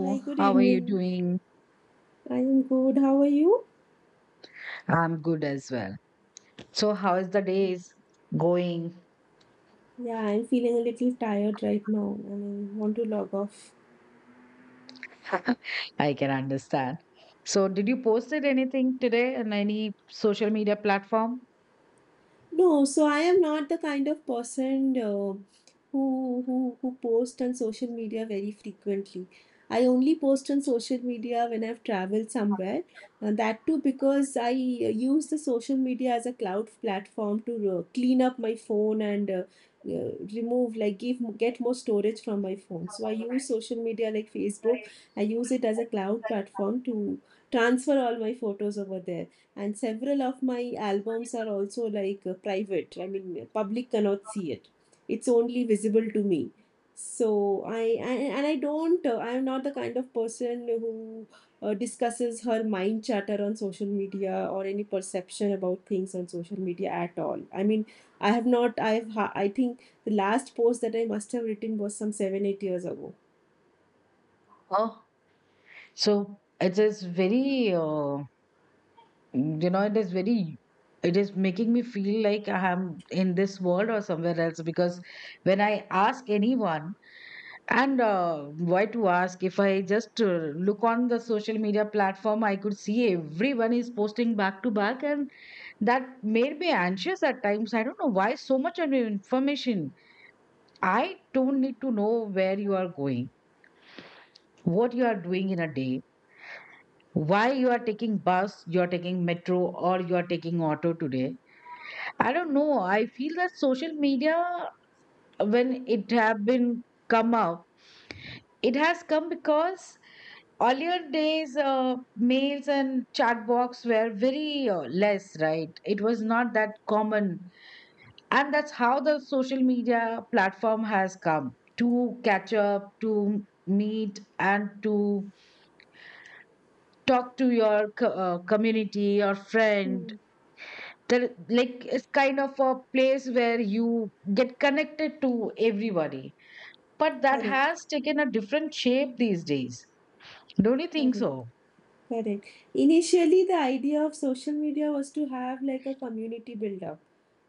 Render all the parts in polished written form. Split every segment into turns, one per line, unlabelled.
Hi, good
how are you
evening.
doing?
I am good. How are you?
I'm good as well. So, how is the day is going?
Yeah, I'm feeling a little tired right now and I want to log off.
I can understand. So, did you posted anything today on any social media platform?
No, so I am not the kind of person who post on social media very frequently. I only post on social media when I've traveled somewhere, and that too because I use the social media as a cloud platform to clean up my phone and remove, like, give get more storage from my phone. So I use social media like Facebook. I use it as a cloud platform to transfer all my photos over there, and several of my albums are also, like, private, I mean, public cannot see it. It's only visible to me. So I and I don't I am not the kind of person who discusses her mind chatter on social media, or any perception about things on social media at all. I mean, I have not I have ha- I think the last post that I must have written was some 7 8 years ago.
Oh, so it is very, it is very, it is making me feel like I am in this world or somewhere else because when I ask anyone. And why to ask if I just look on the social media platform, I could see everyone is posting back to back, and that made me anxious at times. I don't know why so much of information. I don't need to know where you are going, what you are doing in a day, why you are taking bus, you are taking metro, or you are taking auto today. I don't know. I feel that social media, when it have been come up, it has come because earlier days, mails and chat box were very less, right? It was not that common. And that's how the social media platform has come to catch up, to meet, and to talk to your community or friend.
Hmm.
Like, it's kind of a place where you get connected to everybody. But that
Correct.
has taken a different shape these days. Don't you think
Correct.
so?
Correct. Initially, the idea of social media was to have, like, a community build up.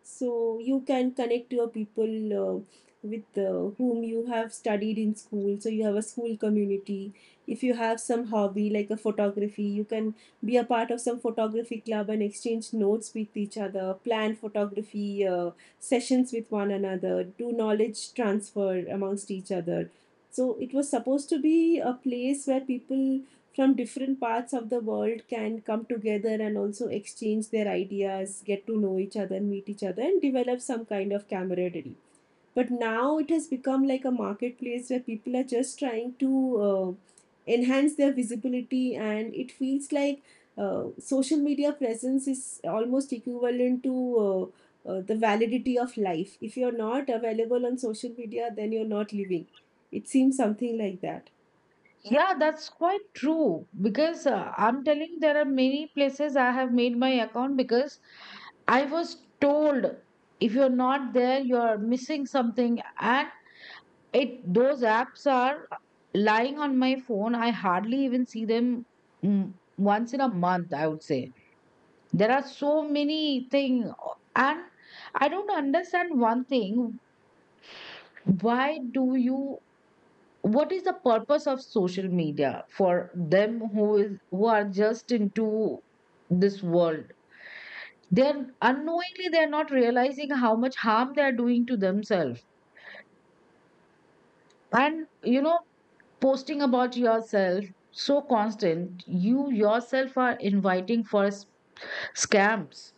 So you can connect your people with whom you have studied in school. So you have a school community. If you have some hobby like a photography, you can be a part of some photography club and exchange notes with each other, plan photography sessions with one another, do knowledge transfer amongst each other. So it was supposed to be a place where people from different parts of the world can come together, and also exchange their ideas, get to know each other, meet each other, and develop some kind of camaraderie. But now it has become like a marketplace where people are just trying to uh, enhance their visibility, and it feels like social media presence is almost equivalent to the validity of life. If you're not available on social media, then you're not living. It seems something like that.
Yeah, that's quite true because I'm telling you, there are many places I have made my account because I was told if you're not there, you're missing something, and it those apps are lying on my phone. I hardly even see them once in a month, I would say. There are so many things, and I don't understand one thing. Why do you What is the purpose of social media for them who are just into this world? They're not realizing how much harm they're doing to themselves, and posting about yourself so constant, you yourself are inviting for scams.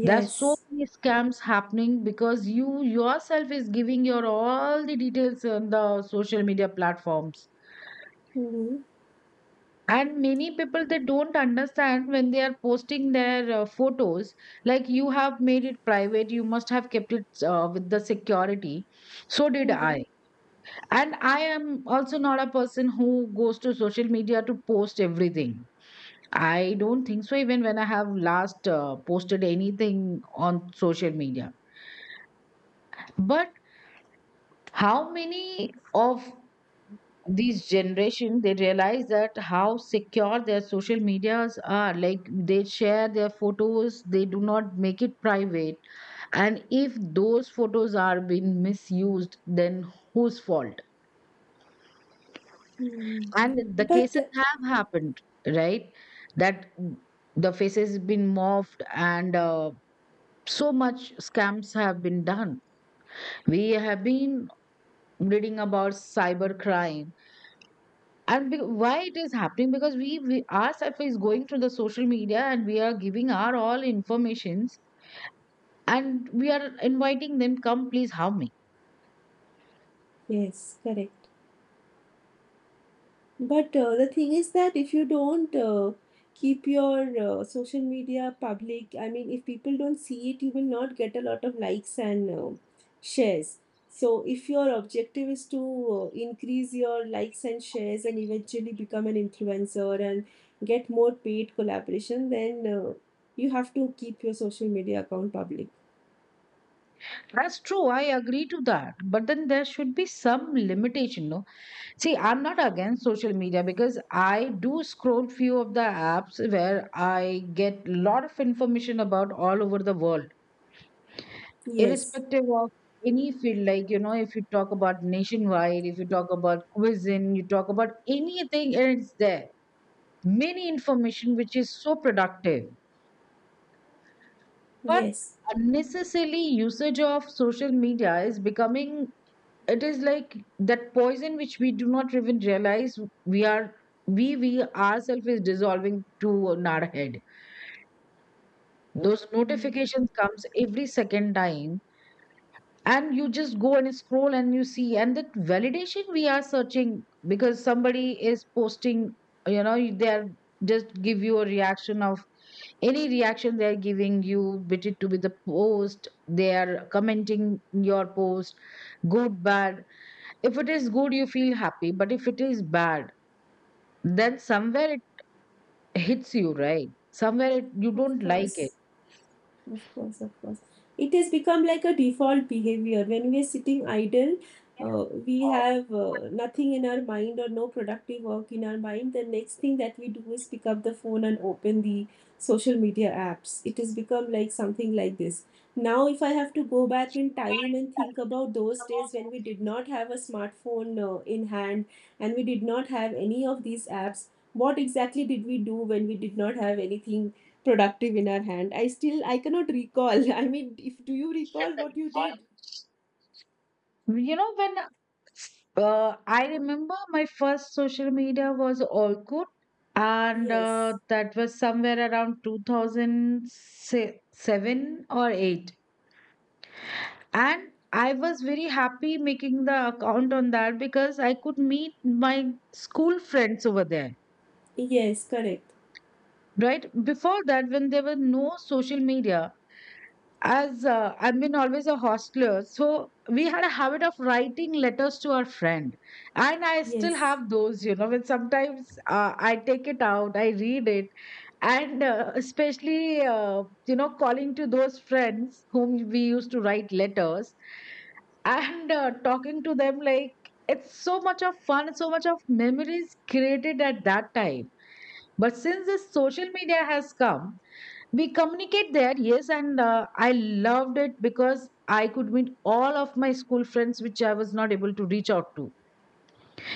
There's so many scams happening because you yourself is giving your all the details on the social media platforms.
Mhm.
And many people, they don't understand when they are posting their photos. Like, you have made it private, you must have kept it with the security. So did I.
Mhm.
And I am also not a person who goes to social media to post everything. I don't think so even when I have last posted anything on social media. But how many of these generation they realize that how secure their social medias are? Like, they share their photos, they do not make it private. And if those photos are being misused, then whose fault?
Mm.
And the
But
cases have happened, right? That the faces been morphed, and so much scams have been done. We have been reading about cyber crime. And why it is happening? Because we ourselves is going through the social media, and we are giving our all informations, and we are inviting them, come please have me.
yes, correct. But the thing is that if you don't keep your social media public, I mean, if people don't see it, you will not get a lot of likes and shares. So, if your objective is to increase your likes and shares and eventually become an influencer and get more paid collaboration, then you have to keep your social media account public.
That's true, I agree to that, but then there should be some limitation, no? See, I'm not against social media, because I do scroll few of the apps where I get lot of information about all over the world,
Yes,
irrespective of any field. Like, you know, if you talk about nationwide, if you talk about cuisine, you talk about anything, and it's there. Many information which is so productive. But
yes.
unnecessarily usage of social media is becoming, it is like that poison which we do not even realize. We are we we ourselves is dissolving to in our head. Those
Mm.
notifications comes every second time, and you just go and scroll and you see, and that validation we are searching because somebody is posting, you know, they are just give you a reaction of any reaction. They are giving you, bit it to be the post, they are commenting your post, good, bad. If it is good, you feel happy, but if it is bad, then somewhere it hits you, right? Somewhere it, you
Of
don't like it.
course. Of course, of course. It has become like a default behavior. When we are sitting idle, we have nothing in our mind, or no productive work in our mind. The next thing that we do is pick up the phone and open the social media apps. It has become like something like this. Now, if I have to go back in time and think about those days when we did not have a smartphone in hand, and we did not have any of these apps, what exactly did we do when we did not have anything productive in our hand? I still, I cannot recall I mean, if do you recall what you did?
You know, when I remember my first social media was Orkut, and
Yes.
that was somewhere around 2007 or 8. And I was very happy making the account on that because I could meet my school friends over there.
Yes, correct.
Right before that, when there were no social media, as I've been always a hostler, so we had a habit of writing letters to our friend, and I still
Yes.
have those. You know, when sometimes I take it out, I read it, and especially calling to those friends whom we used to write letters, and talking to them, like, it's so much of fun, so much of memories created at that time. But since this social media has come, we communicate there, yes, and I loved it because I could meet all of my school friends which I was not able to reach out to.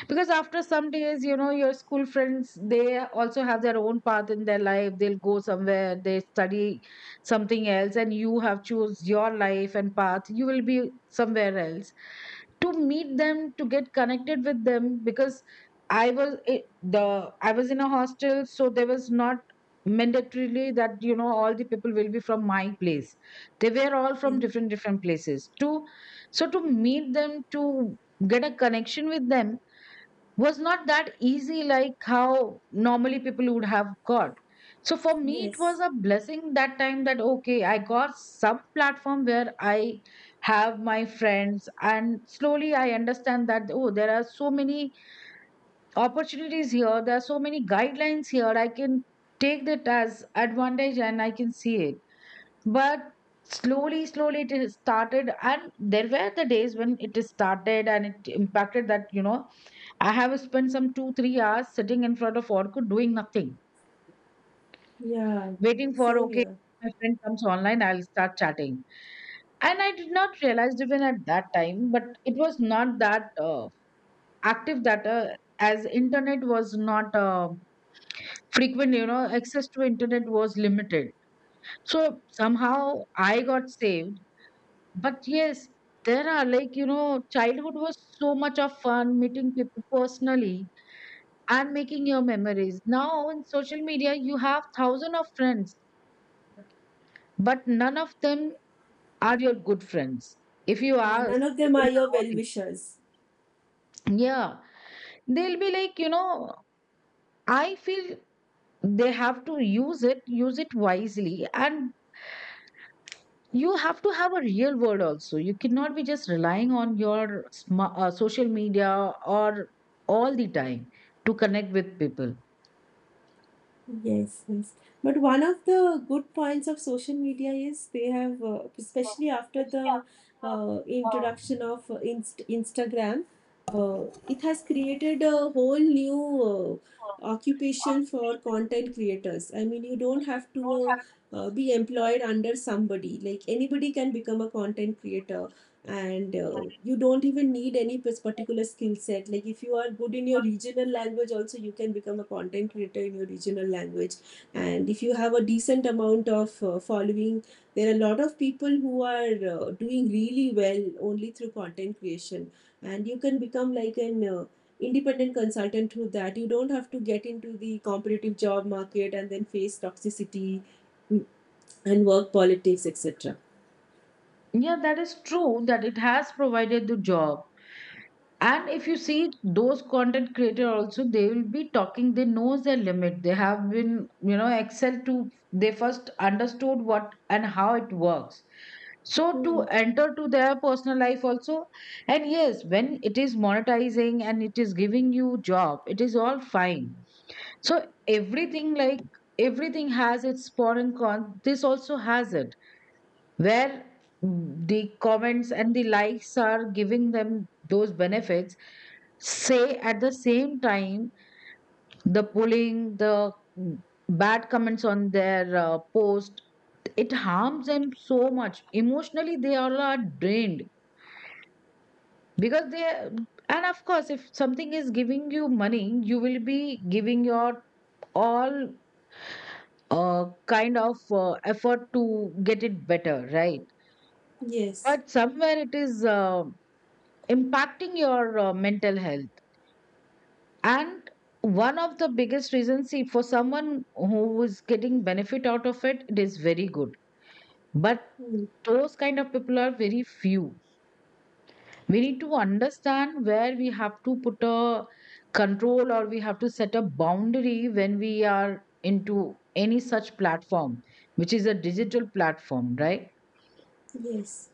Because after some days, you know, your school friends, they also have their own path in their life, they'll go somewhere, they study something else, and you have choose your life and path, you will be somewhere else. To meet them, to get connected with them, because i was i- the I was in a hostel. So there was not mandatorily that, you know, all the people will be from my place. They were all from
Me.
different different places to so to meet them, to get a connection with them, was not that easy like how normally people would have got. So for me, it was
Yes.
a blessing that time that, okay, I got some platform where I have my friends. And slowly I understand that, oh, there are so many opportunities here, there are so many guidelines here, I can take that as advantage and I can see it. But slowly slowly it is started, and there were the days when it is started and it impacted that, you know, I have spent some two, 3 hours sitting in front of Orkut doing nothing,
Yeah.
waiting for,
Same
okay,
here.
my friend comes online, I'll start chatting. And I did not realize even at that time, but it was not that active, that as internet was not frequent, access to internet was limited. So somehow I got saved. But yes, there are, like, childhood was so much of fun, meeting people personally and making your memories. Now on social media, you have thousands of friends, but none of them are your good friends. If you
Yeah,
ask
none of them
people
are your well
nowadays,
wishers.
yeah, they'll be like, I feel they have to use it wisely, and you have to have a real world also. You cannot be just relying on your social media or all the time to connect with people.
Yes, yes. But one of the good points of social media is they have, especially after the introduction of Instagram, it has created a whole new occupation for content creators. I mean, you don't have to be employed under somebody. Like, anybody can become a content creator, and you don't even need any particular skill set. Like, if you are good in your regional language, also you can become a content creator in your regional language. And if you have a decent amount of following, there are a lot of people who are doing really well only through content creation, and you can become like an independent consultant through that. You don't have to get into the competitive job market and then face toxicity mm, and work politics, etc.
Yeah, that is true that it has provided the job. And if you see those content creator also, they will be talking, they knows their limit, they have been, excel to, they first understood what and how it works. So to
Hmm.
enter to their personal life also. And yes, when it is monetizing and it is giving you job, it is all fine. So everything, like, everything has its pro and con, this also has it, where the comments and the likes are giving them those benefits. Say, at the same time, the bullying, the mm, bad comments on their post, it harms them so much emotionally, they all are drained. Because they and of course, if something is giving you money, you will be giving your all kind of effort to get it better, right?
Yes.
But somewhere it is impacting your mental health. And one of the biggest reasons, see, for someone who is getting benefit out of it, it is very good. But
Hmm.
those kind of people are very few. We need to understand where we have to put a control, or we have to set a boundary when we are into any such platform which is a digital platform, right?
Yes.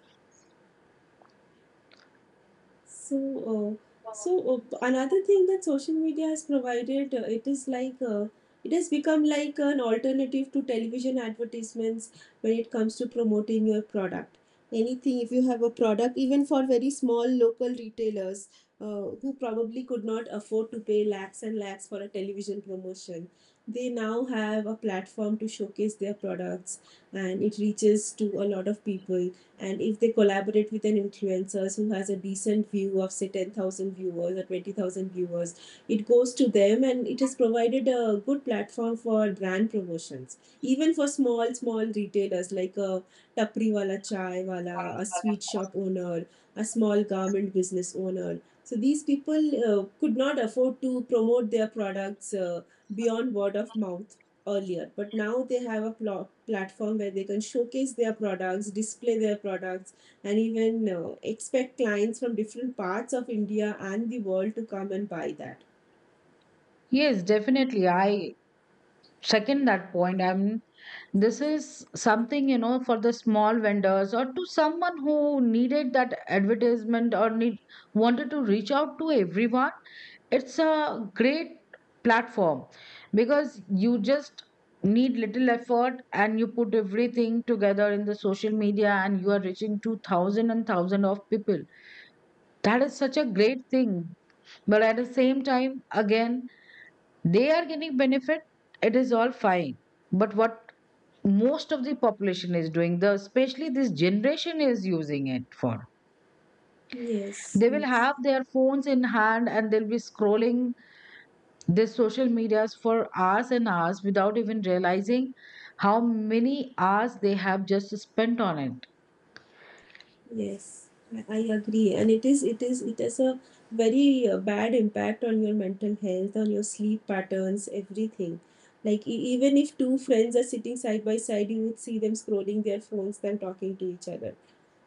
So, uh, so, another thing that social media has provided, it is like it has become like an alternative to television advertisements when it comes to promoting your product. Anything, if you have a product, even for very small local retailers who probably could not afford to pay lakhs and lakhs for a television promotion, they now have a platform to showcase their products, and it reaches to a lot of people. And if they collaborate with an influencer who has a decent view of, say, 10,000 viewers or 20,000 viewers, it goes to them, and it has provided a good platform for brand promotions, even for small small retailers like a tapri wala, chai wala, a sweet shop owner, a small garment business owner. So these people could not afford to promote their products beyond word of mouth earlier, but now they have a platform where they can showcase their products, display their products, and even expect clients from different parts of India and the world to come and buy that.
Yes, definitely, I second that point. I mean, this is something, for the small vendors, or to someone who needed that advertisement or need wanted to reach out to everyone, it's a great platform. Because you just need little effort, and you put everything together in the social media, and you are reaching to thousand and thousand of people. That is such a great thing. But at the same time, again, they are getting benefit, it is all fine. But what most of the population is doing, the especially this generation is using it for,
Yes,
they will
yes,
have their phones in hand and they'll be scrolling the social medias for hours and hours without even realizing how many hours they have just spent on it.
yes. I agree, and it has a very bad impact on your mental health, on your sleep patterns, everything. Like, even if two friends are sitting side by side, you would see them scrolling their phones than talking to each other.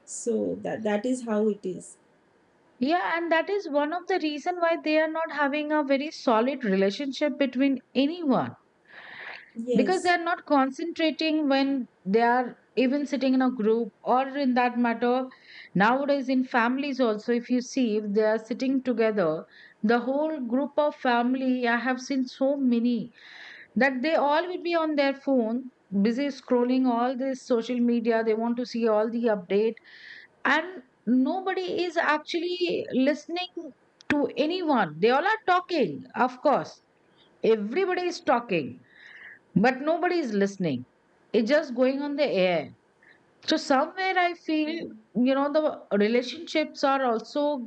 So that is how it is.
Yeah, and that is one of the reason why they are not having a very solid relationship between anyone, because they
Yes.
are not concentrating when they are even sitting in a group or in that matter. Nowadays in families also, if you see, if they are sitting together, the whole group of family, I have seen so many that they all will be on their phone, busy scrolling all this social media. They want to see all the update, and nobody is actually listening to anyone. They all are talking, of course everybody is talking, but nobody is listening. It's just going on the air. So somewhere I feel, the relationships are also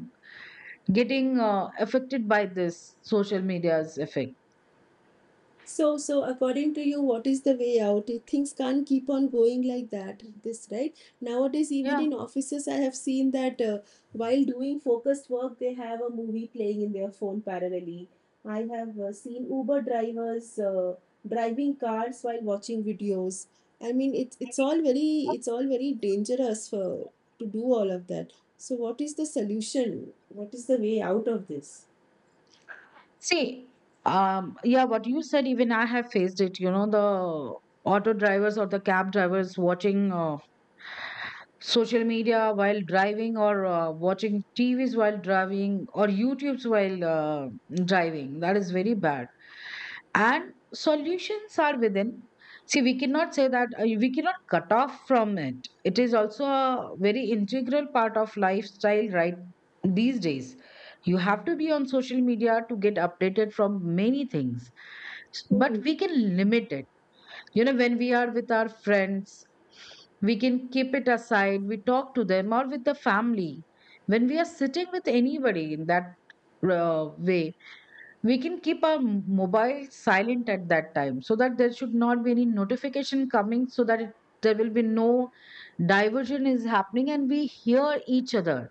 getting affected by this social media's effect.
So, according to you, what is the way out? Things can't keep on going like that. This, right, nowadays, even
Yeah.
in offices, I have seen that while doing focused work, they have a movie playing in their phone parallelly. I have seen Uber drivers driving cars while watching videos. I mean, it's all very dangerous for to do all of that. So, what is the solution? What is the way out of this?
See, yeah, what you said, even I have faced it, the auto drivers or the cab drivers watching social media while driving, or watching TVs while driving, or YouTubes while driving. That is very bad. And solutions are within. See, we cannot say that we cannot cut off from it. It is also a very integral part of lifestyle, right, these days. You have to be on social media to get updated from many things, but
Hmm.
we can limit it. When we are with our friends, we can keep it aside, we talk to them, or with the family. When we are sitting with anybody in that way, we can keep our mobile silent at that time, so that there should not be any notification coming, so that it, there will be no diversion is happening and we hear each other.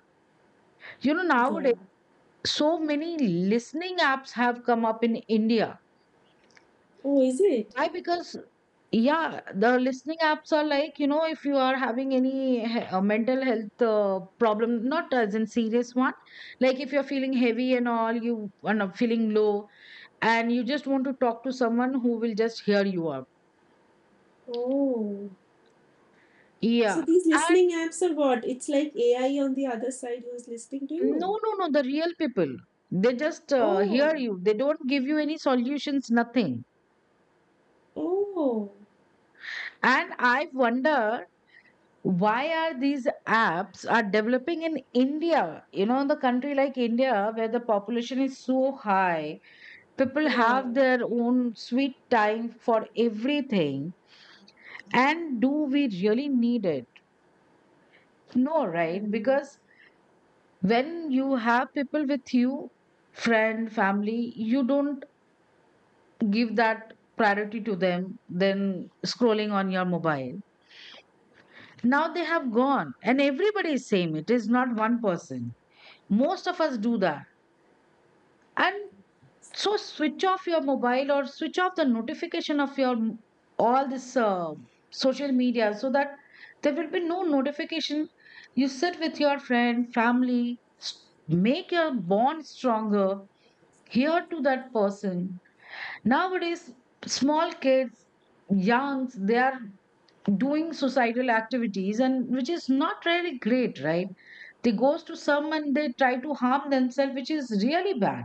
Nowadays,
Yeah.
so many listening apps have come up in India.
Oh, is it?
Why? Because, yeah, the listening apps are like, if you are having any mental health problem, not as in serious one, like if you're feeling heavy and all, you are not feeling low, and you just want to talk to someone who will just hear you out.
Oh. So
Yeah.
these
And
listening apps are what? It's like AI on the other side who's listening to
no,
you.
no, no, the real people, they just hear
Oh,
you. They don't give you any solutions, nothing.
oh,
And I wonder why are these apps are developing in India. The country like India, where the population is so high, people
yeah.
have their own sweet time for everything, and do we really need it? No, right?
Hmm.
Because when you have people with you, friend, family, you don't give that priority to them than scrolling on your mobile. Now they have gone and everybody is same, it is not one person, most of us do that. And so, switch off your mobile or switch off the notification of your all this social media, so that there will be no notification. You sit with your friend, family, make your bond stronger. Hear to that person. Nowadays, small kids, youngs, they are doing suicidal activities, and which is not really great, right? They goes to some and they try to harm themselves, which is really bad.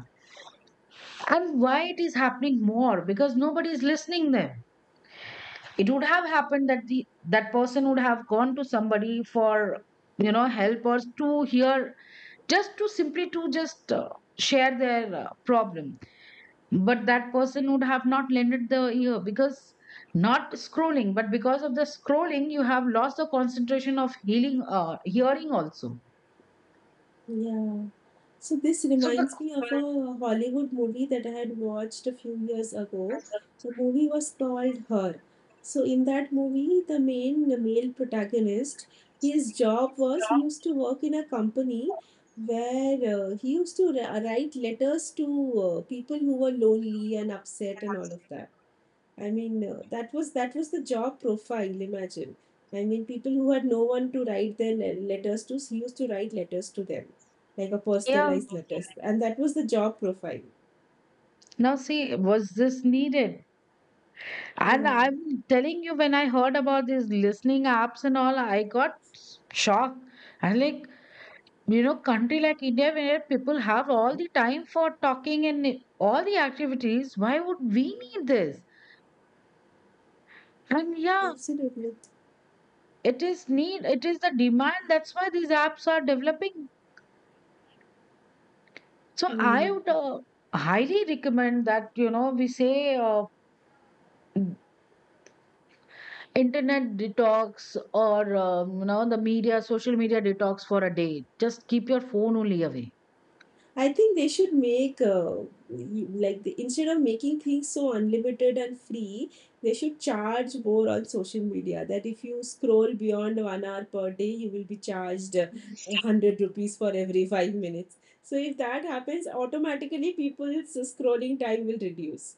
And why it is happening more? Because nobody is listening them. It would have happened that the that person would have gone to somebody for, help, or to hear, just to simply to just share their problem. But that person would have not lended the ear, because, not scrolling, but because of the scrolling you have lost the concentration of healing, hearing also.
Yeah. So this
So the
reminds me of a Hollywood movie that I had watched a few years ago. The movie was called Her. So in that movie, the main the male protagonist, his job was he used to work in a company where he used to write letters to people who were lonely and upset and all of that. I mean, that was the job profile. Imagine. I mean, people who had no one to write their letters to, he used to write letters to them, like a
yeah,
personalized letters, and that was the job profile.
now see, was this needed? And
Yeah.
I'm telling you, when I heard about these listening apps and all, I got shocked. And like, country like India, where people have all
Mhm.
the time for talking and all the activities, why would we
Yeah.
need this? And yeah,
Absolutely.
it is need, it is the demand. That's why these apps are developing. So I
Hmm.
would highly recommend that, we say, internet detox, or the media social media detox for a day, just keep your phone only away.
I think they should make, instead of making things so unlimited and free, they should charge more on social media. That if you scroll beyond 1 hour per day, you will be charged 100 rupees for every 5 minutes. So if that happens, automatically people's scrolling time will reduce.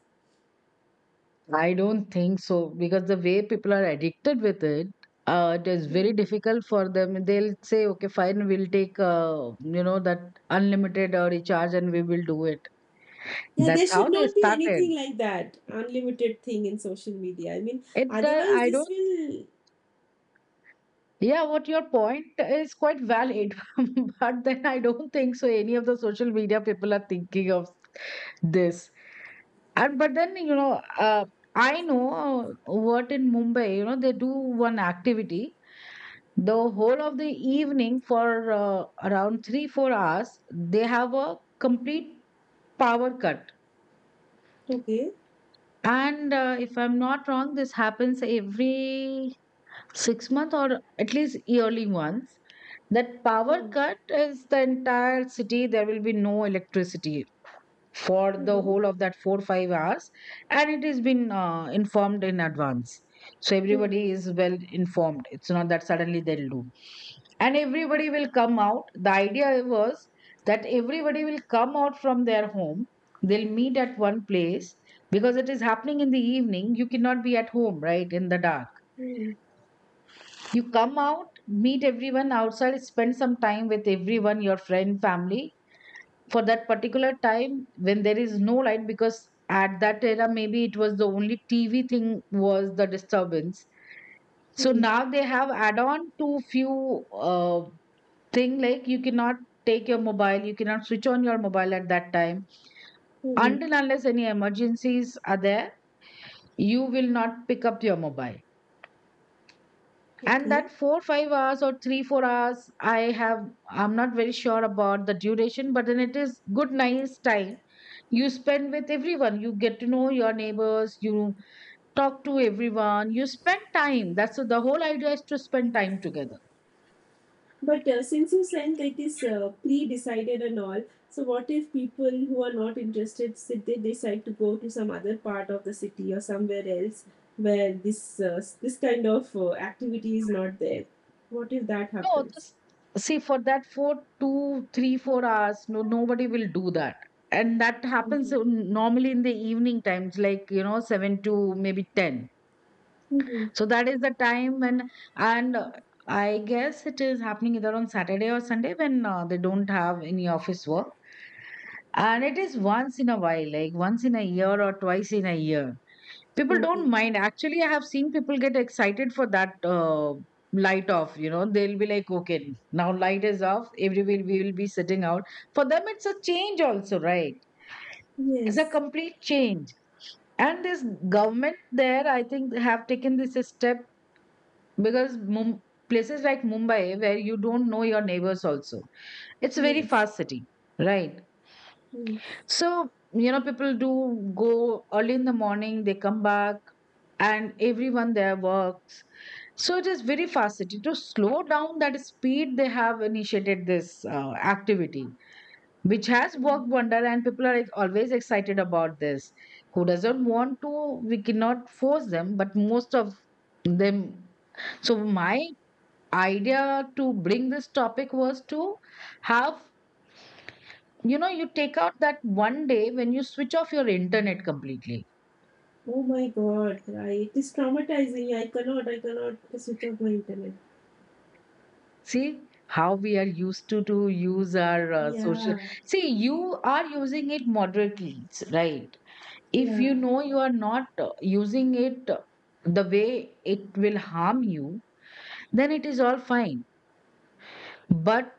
I don't think so, because the way people are addicted with it, it is very
Hmm.
difficult for them. They'll say, okay, fine, we'll take that unlimited recharge, and we will do it.
Yeah, there
That's how
should
they
not be anything
started
like that unlimited thing in social media. I mean,
it. uh,
otherwise
i
this
don't
will.
yeah what your point is quite valid. But then I don't think so any of the social media people are thinking of this. And but then, I know what in Mumbai, they do one activity. The whole of the evening, for around 3-4 hours, they have a complete power cut.
Okay.
And if I'm not wrong, this happens every 6 month, or at least yearly once. That power
Hmm.
cut is the entire city. There will be no electricity for the
Mhm.
whole of that 4 5 hours. And it has been informed in advance, so
Hmm.
everybody is well informed, it's not that suddenly they'll do. And everybody will come out. The idea was that everybody will come out from their home, they'll meet at one place, because it is happening in the evening, you cannot be at home, right, in the dark.
Hmm.
You come out, meet everyone outside, spend some time with everyone, your friend, family, for that particular time when there is no light, because at that era, maybe it was the only, TV thing was the disturbance. So
Hmm.
now they have add on to few uh, thing, like you cannot take your mobile, you cannot switch on your mobile at that time,
Hmm.
until unless any emergencies are there, you will not pick up your mobile. And
Okay.
that 4 5 hours or 3 4 hours, i have I'm not very sure about the duration, but then it is good, nice time. You spend with everyone, you get to know your neighbors, you talk to everyone, you spend time. That's the whole idea, is to spend time together.
But since you sent like this pre-decided and all, so what if people who are not interested, sit they decide to go to some other part of the city or somewhere else where this this kind of activity is not there? What if that
No,
happens?
just see, for that, for two three four hours, no, nobody will do that. And that happens,
Mm-hmm.
normally in the evening times, like 7 to maybe 10.
Mm-hmm.
So that is the time when. And I guess it is happening either on Saturday or Sunday, when they don't have any office work. And it is once in a while, like once in a year or twice in a year. People don't
Okay.
mind. Actually, I have seen people get excited for that light off. You know, they'll be like, okay, now light is off. Everybody, we will be sitting out. For them, it's a change also, right? It's a
Yes.
complete change. And this government there, I think, have taken this a step, because, places like Mumbai, where you don't know your neighbors also, it's a very
Yes.
fast city, right?
Yes.
So, people do go early in the morning, they come back, and everyone there works. So it is very fast. To slow down that speed, they have initiated this activity, which has
Mm.
worked wonder, and people are like, always excited about this. Who doesn't want to, we cannot force them, but most of them. So my idea to bring this topic was to have, you take out that one day when you switch off your internet completely.
Oh my God! It is traumatizing. I cannot. I cannot switch off my internet.
See how we are used to use our social.
Yeah.
See, you are using it moderately, right? If
Yeah.
you know you are not using it the way it will harm you, then it is all fine. But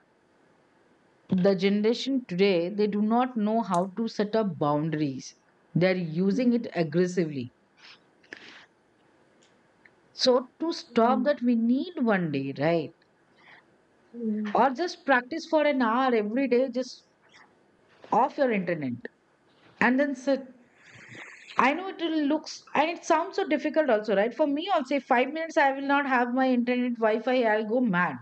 the generation today, they do not know how to set up boundaries. They're using
Mm.
it aggressively. So to stop
Mm.
that, we need one day, right?
Yeah.
Or just practice for an hour every day, just off your internet and then sit. I know it will looks, and it sounds so difficult also, right? For me also, if 5 minutes I will not have my internet wi-fi, I'll go mad.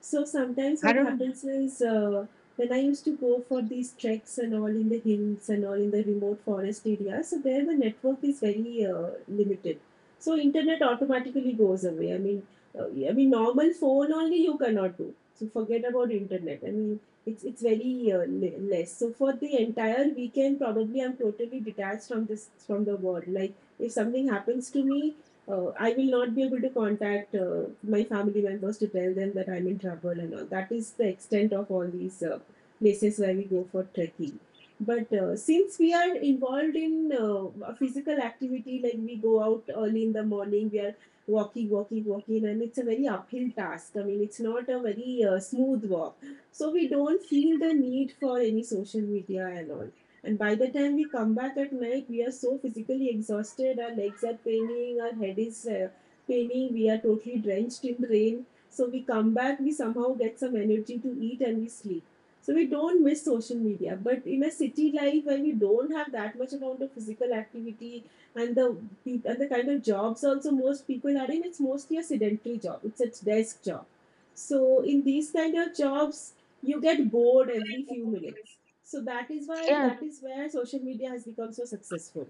So sometimes
i
what
don't
happens is when I used to go for these treks and all in the hills and all in the remote forest areas, so there the network is very limited. So internet automatically goes away. I mean, normal phone only you cannot do, so forget about internet. I mean, it's very less. So for the entire weekend, probably I'm totally detached from the world. Like, if something happens to me, I will not be able to contact my family members to tell them that I'm in trouble and all. That is the extent of all these places where we go for trekking. But since we are involved in a physical activity, like, we go out early in the morning, we are walking, walking, walking, and it's a very uphill task. I mean, it's not a very smooth walk. So we don't feel the need for any social media and all. And by the time we come back at night, we are so physically exhausted, our legs are paining, our head is paining, we are totally drenched in rain. So we come back, we somehow get some energy to eat, and we sleep. So we don't miss social media. But in a city life where we don't have that much amount of physical activity, and the kind of jobs also most people are in, it's mostly a sedentary job. It's a desk job. So in these kind of jobs, you get bored every few minutes, so
yeah
that is where social media has become so successful.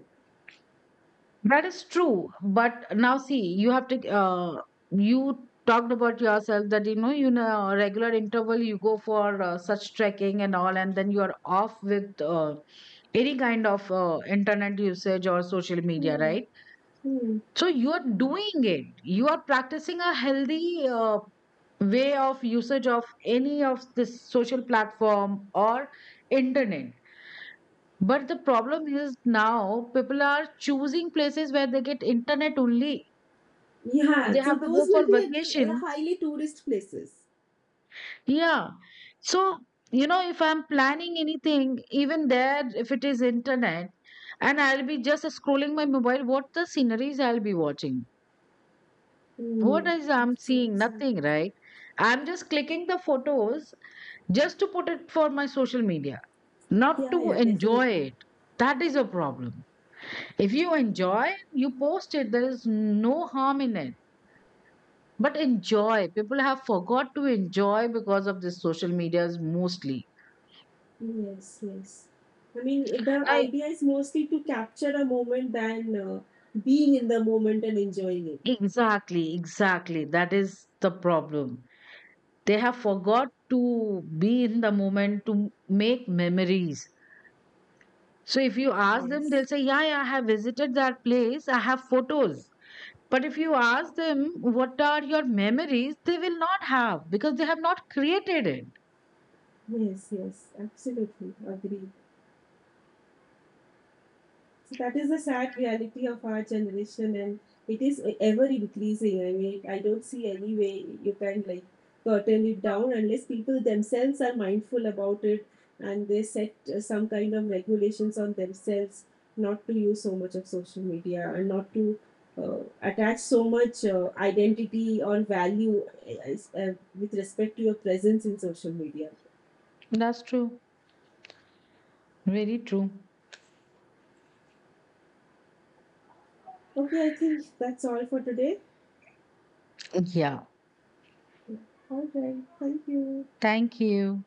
that is true, but now see, you have to, you talked about yourself that, you know, regular interval you go for such trekking and all, and then you are off with any kind of internet usage or social media,
Hmm.
right?
Hmm.
So you are doing it. You are practicing a healthy way of usage of any of this social platform or internet. But the problem is, now people are choosing places where they get internet only. If
Yeah,
they
so
have to
those
go
will
for
be
vacation,
highly tourist places.
yeah. So, if I'm planning anything, even there, if it is internet, and I'll be just scrolling my mobile, what the sceneries I'll be watching? What
Hmm.
is I'm
Absolutely.
seeing? Nothing,
Absolutely.
right? I'm just clicking the photos just to put it for my social media, not
Yeah,
to
yeah,
enjoy
definitely.
it. That is a problem. If you enjoy, you post it. There is no harm in it. But enjoy. People have forgot to enjoy because of this social medias mostly.
Yes. Yes. I mean, the
Right?
idea is mostly to capture a moment than being in the moment and enjoying it.
Exactly, exactly. That is the problem. They have forgot to be in the moment to make memories. So if you ask them,
Yes.
they'll say, yeah, yeah, I have visited that place, I have photos. But if you ask them, what are your memories? They will not have, because they have not created it.
Yes. Yes. Absolutely. Agree. So that is the sad reality of our generation, and it is ever increasing. I mean, I don't see any way you can, like, curtain it down unless people themselves are mindful about it, and they set some kind of regulations on themselves not to use so much of social media, and not to attach so much identity or value with respect to your presence in social media.
That's true. Very true.
Okay, I think that's all for today.
Yeah.
All right, thank you.
Thank you.